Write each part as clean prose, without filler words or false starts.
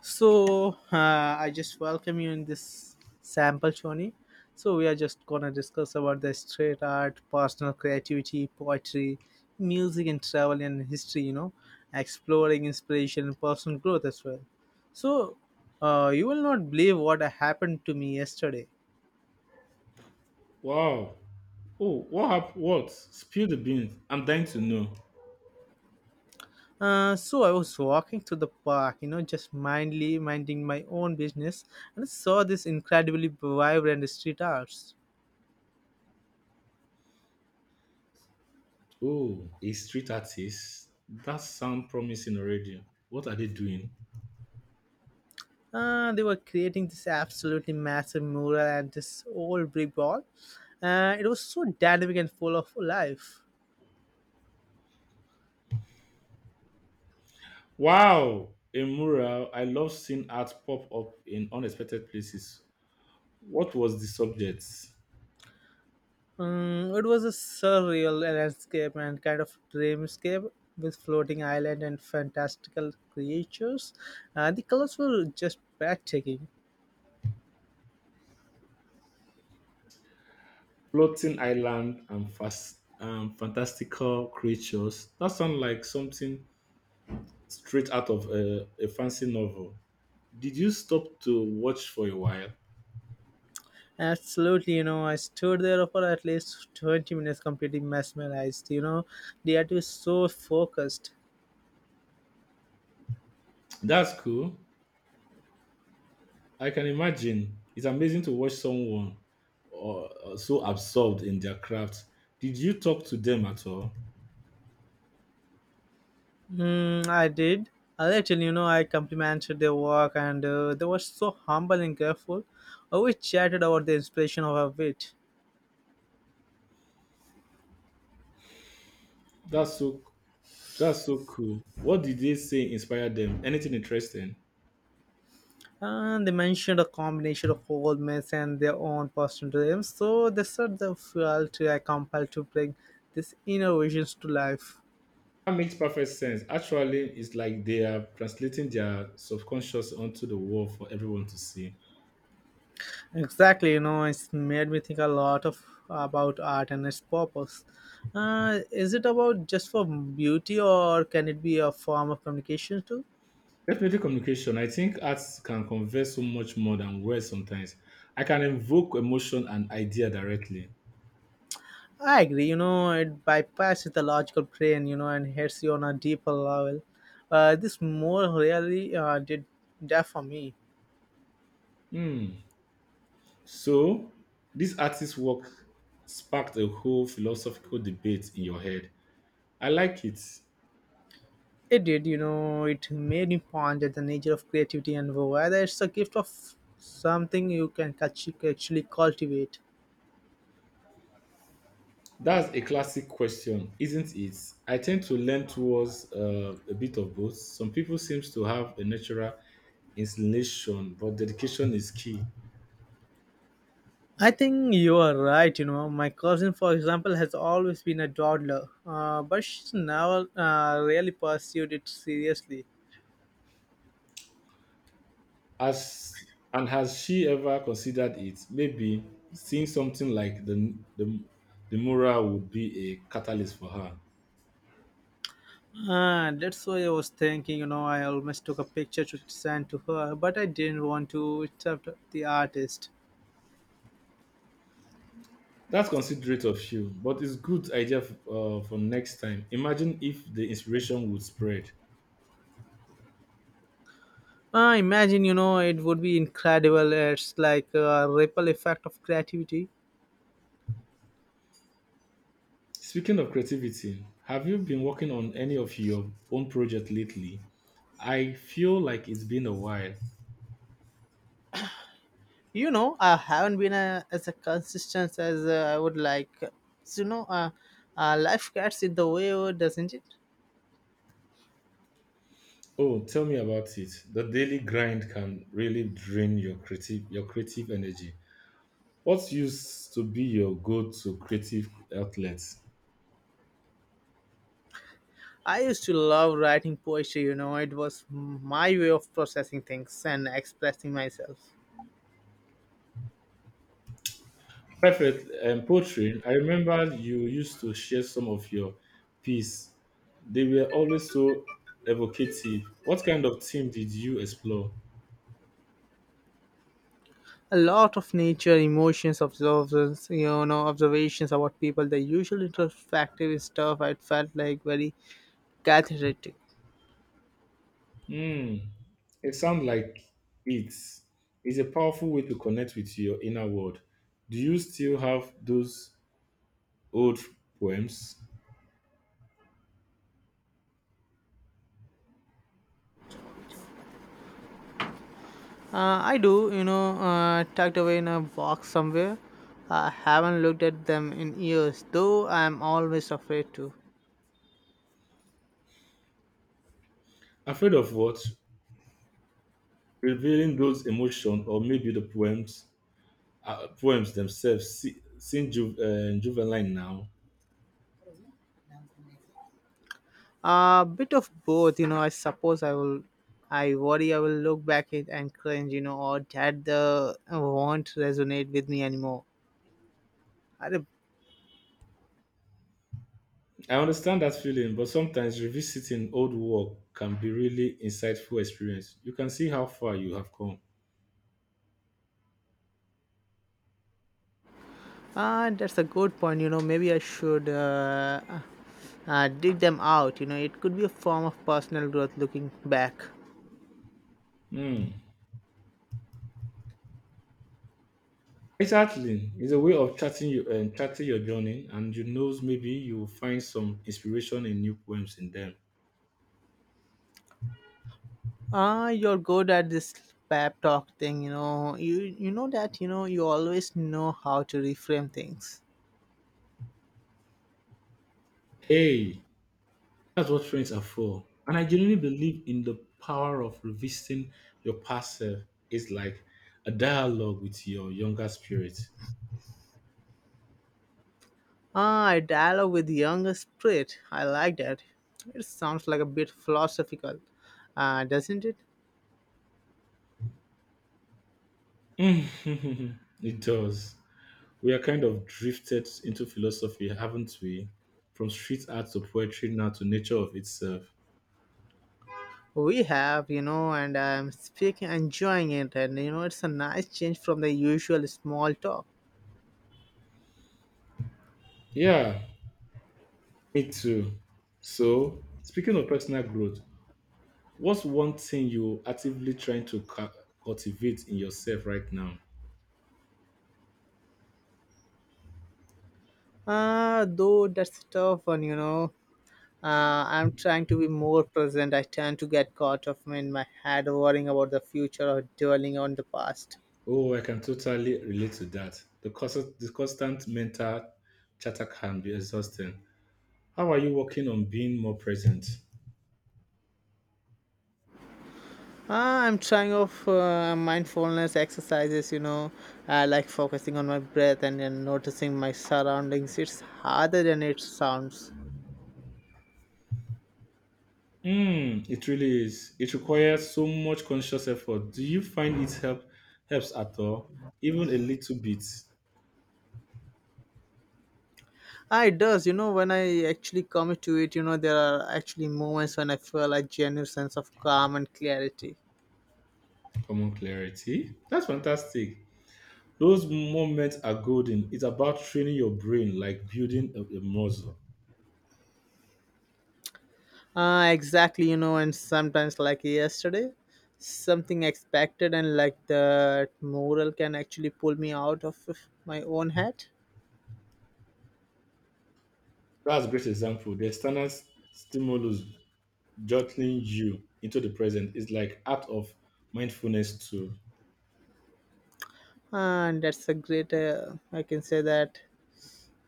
I just welcome you in this sample, Shoni. So we are just gonna discuss about the street art, personal creativity, poetry, music, and travel and history. You know, exploring inspiration and personal growth as well. So you will not believe what happened to me yesterday. Wow. Oh, what happened? What? Spill the beans. I'm dying to know. So I was walking through the park, you know, just mindly minding my own business, and saw this incredibly vibrant street arts. Oh, a street artist. That sounds promising already. What are they doing? They were creating this absolutely massive mural at this old brick wall. It was so dynamic and full of life. Wow. A mural. I love seeing art pop up in unexpected places. What was the subject? It was a surreal landscape and kind of dreamscape with floating island and fantastical creatures. The colors were just breathtaking. Floating island and fast fantastical creatures. That sounds like something straight out of a fancy novel. Did you stop to watch for a while? Absolutely, you know, I stood there for at least 20 minutes completely mesmerized. You know, the art was so focused. That's cool. I can imagine. It's amazing to watch someone or so absorbed in their craft. Did you talk to them at all? Hmm, I did. A little, you know, I complimented their work, and they were so humble and careful. We chatted about the inspiration of our wit. That's so that's so cool. What did they say inspired them? Anything interesting? And they mentioned a combination of old myths and their own personal dreams. So they said they felt compelled to bring these inner visions to life. That makes perfect sense. Actually, it's like they are translating their subconscious onto the world for everyone to see. Exactly, you know, it's made me think a lot of about art and its purpose. Is it about just for beauty, or can it be a form of communication too? Definitely communication. I think arts can convey so much more than words sometimes. I can invoke emotion and idea directly. I agree. You know, it bypasses the logical brain, you know, and hits you on a deeper level. This more really did that for me. Hmm. So, this artist's work sparked a whole philosophical debate in your head. I like it. It did, you know, it made me ponder the nature of creativity and whether it's a gift of something you can actually cultivate. That's a classic question, isn't it? I tend to lean towards a bit of both. Some people seems to have a natural inclination, but dedication is key. I think you are right. You know, my cousin, for example, has always been a dawdler, but she's never really pursued it seriously. As and has she ever considered it? Maybe seeing something like the mural would be a catalyst for her. Ah, that's why I was thinking, you know, I almost took a picture to send to her, but I didn't want to interrupt the artist. That's considerate of you, but it's good idea for next time. Imagine if the inspiration would spread. Ah, imagine, you know, it would be incredible. It's like a ripple effect of creativity. Speaking of creativity, have you been working on any of your own project lately? I feel like it's been a while. You know, I haven't been as a consistent as I would like. So, you know, life gets in the way, doesn't it? Oh, tell me about it. The daily grind can really drain your creative energy. What used to be your go-to creative outlet? I used to love writing poetry, you know, it was my way of processing things and expressing myself. Perfect poetry. I remember you used to share some of your piece. They were always so evocative. What kind of theme did you explore? A lot of nature emotions observations, you know, observations about people, the usual introspective stuff. I felt like very cathartic. Hmm. It sounds like it is a powerful way to connect with your inner world. Do you still have those old poems? I do, you know, tucked away in a box somewhere. I haven't looked at them in years, though. I'm always afraid to. Afraid of what? Revealing those emotions, or maybe the poems, poems themselves, se- seem ju- juvenile now. A bit of both, you know. I suppose I will, I worry I will look back it and cringe, you know, or that the won't resonate with me anymore. अरे. I understand that feeling, but sometimes revisiting old work can be really insightful experience. You can see how far you have come. Ah, that's a good point. You know, maybe I should dig them out. You know, it could be a form of personal growth looking back. Hmm. Exactly. It's a way of charting you and charting your journey, and you knows maybe you will find some inspiration in new poems in them. Ah, you're good at this pep talk thing. You know, you know that. You know, you always know how to reframe things. Hey, that's what friends are for. And I genuinely believe in the power of revisiting your past self. It's like a dialogue with your younger spirit. Ah, I dialogue with the younger spirit. I like that. It sounds like a bit philosophical, doesn't it? It does. We are kind of drifted into philosophy, haven't we? From street art to poetry now to nature of itself. We have, you know, and I'm speaking, enjoying it, and you know, it's a nice change from the usual small talk. Yeah, me too. So, speaking of personal growth, what's one thing you actively trying to cultivate in yourself right now? Though that's a tough one, you know. I'm trying to be more present. I tend to get caught up in my head worrying about the future or dwelling on the past. Oh, I can totally relate to that. The constant mental chatter can be exhausting. How are you working on being more present? I'm trying of mindfulness exercises, you know, like focusing on my breath and then noticing my surroundings. It's harder than it sounds. Mm, it really is. It requires so much conscious effort. Do you find it helps at all? Even a little bit. Ah, it does, you know, when I actually commit to it, you know, there are actually moments when I feel a genuine sense of calm and clarity. Common clarity. That's fantastic. Those moments are golden. It's about training your brain like building a muscle. Exactly, you know, and sometimes like yesterday, something expected and like the moral can actually pull me out of my own head. That's a great example. The external stimulus jolting you into the present is like act of mindfulness too. And that's a great, I can say that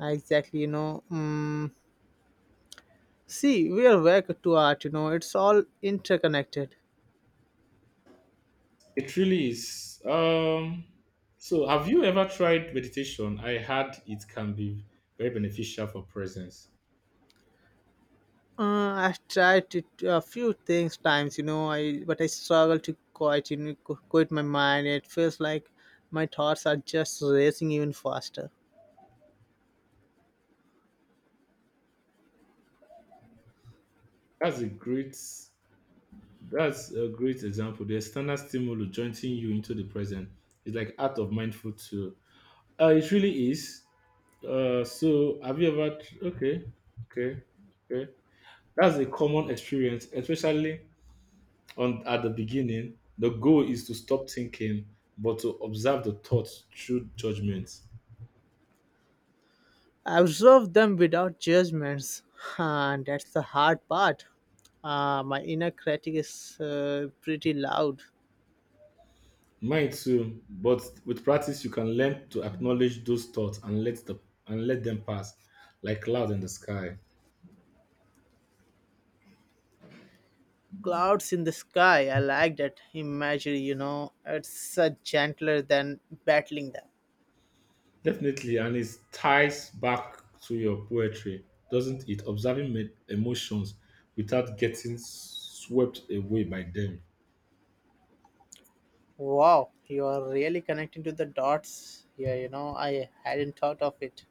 exactly, you know. See, we are back to art, you know, it's all interconnected. It really is. So, have you ever tried meditation? I heard it can be very beneficial for presence. I've tried it a few things times, you know, I but I struggle to quite, you know, quit my mind. It feels like my thoughts are just racing even faster. That's a great. That's a great example. The external stimulus jointing you into the present is like art of mindful too. It really is. So have you ever? Tr- Okay, okay, okay. That's a common experience, especially on at the beginning. The goal is to stop thinking, but to observe the thoughts through judgment. Observe them without judgments. And that's the hard part. My inner critic is pretty loud. Mine too, but with practice you can learn to acknowledge those thoughts and let the and let them pass like clouds in the sky. Clouds in the sky, I like that imagery, you know, it's gentler than battling them. Definitely, and it ties back to your poetry, doesn't it? Observing emotions without getting swept away by them. Wow, you are really connecting to the dots here, you know, I hadn't thought of it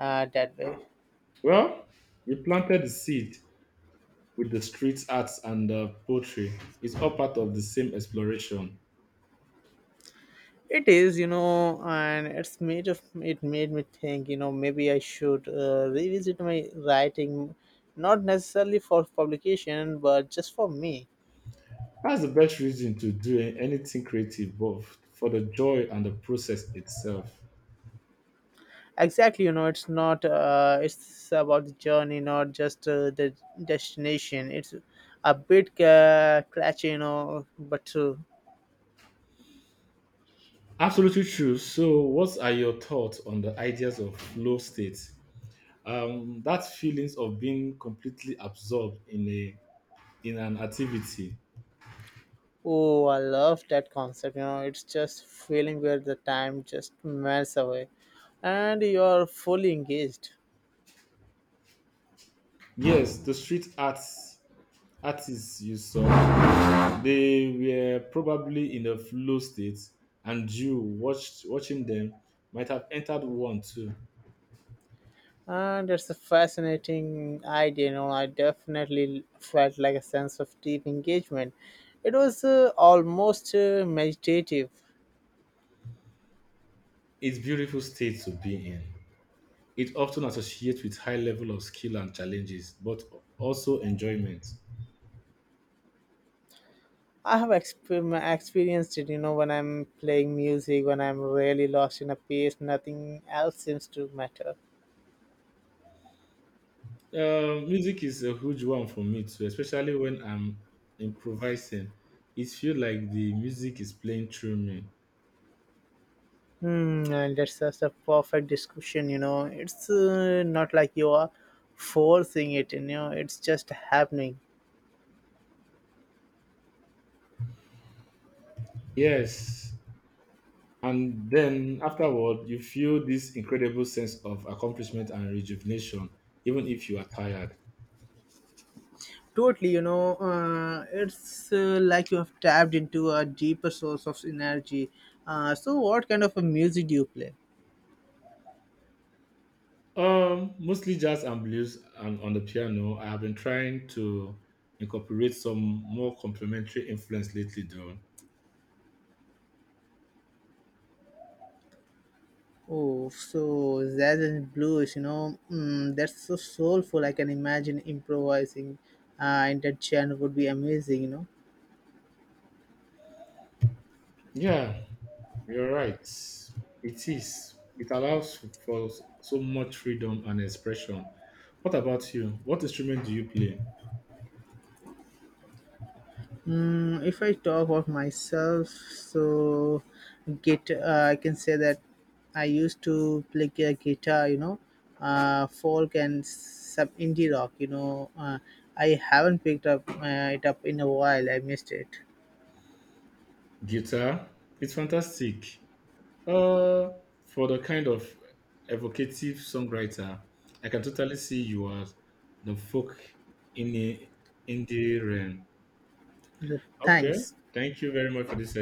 that way. Well, we planted the seed with the street arts and the poetry. It's all part of the same exploration. It is, you know, and it made me think, you know, maybe I should revisit my writing, not necessarily for publication, but just for me. That's the best reason to do anything creative, both for the joy and the process itself. Exactly, you know, it's not it's about the journey, not just the destination. It's a bit catchy, you know, but Absolutely true. So, what are your thoughts on the ideas of flow state? That feelings of being completely absorbed in a in an activity. oh, I love that concept. You know, it's just feeling where the time just melts away, and you're fully engaged. Yes, the street arts artists you saw, they were probably in a flow state, and you watched watching them might have entered one too. And it's a fascinating idea. You know, I definitely felt like a sense of deep engagement. It was almost meditative. It's beautiful state to be in. It often associates with high level of skill and challenges, but also enjoyment. I have experienced it, you know, when I'm playing music, when I'm really lost in a piece, nothing else seems to matter. Music is a huge one for me too, especially when I'm improvising. It feels like the music is playing through me. Hmm, and that's just a perfect discussion, you know. It's not like you are forcing it, you know, it's just happening. Yes. And then afterward, you feel this incredible sense of accomplishment and rejuvenation, even if you are tired. Totally, you know, it's like you have tapped into a deeper source of energy. So, what kind of a music do you play? Mostly jazz and blues and on the piano. I have been trying to incorporate some more complementary influence lately though. Oh, so jazz and blues, you know, mm, that's so soulful. I can imagine improvising in that genre would be amazing, you know. Yeah, you're right. It is. It allows for so much freedom and expression. What about you? What instrument do you play? Mm, if I talk of myself, so git, I can say that I used to play guitar, you know, folk and some indie rock. You know, I haven't picked up it up in a while. I missed it. Guitar. It's fantastic. Uh, for the kind of evocative songwriter, I can totally see you as the folk in the in the realm. Okay. Thanks. Thank you very much for this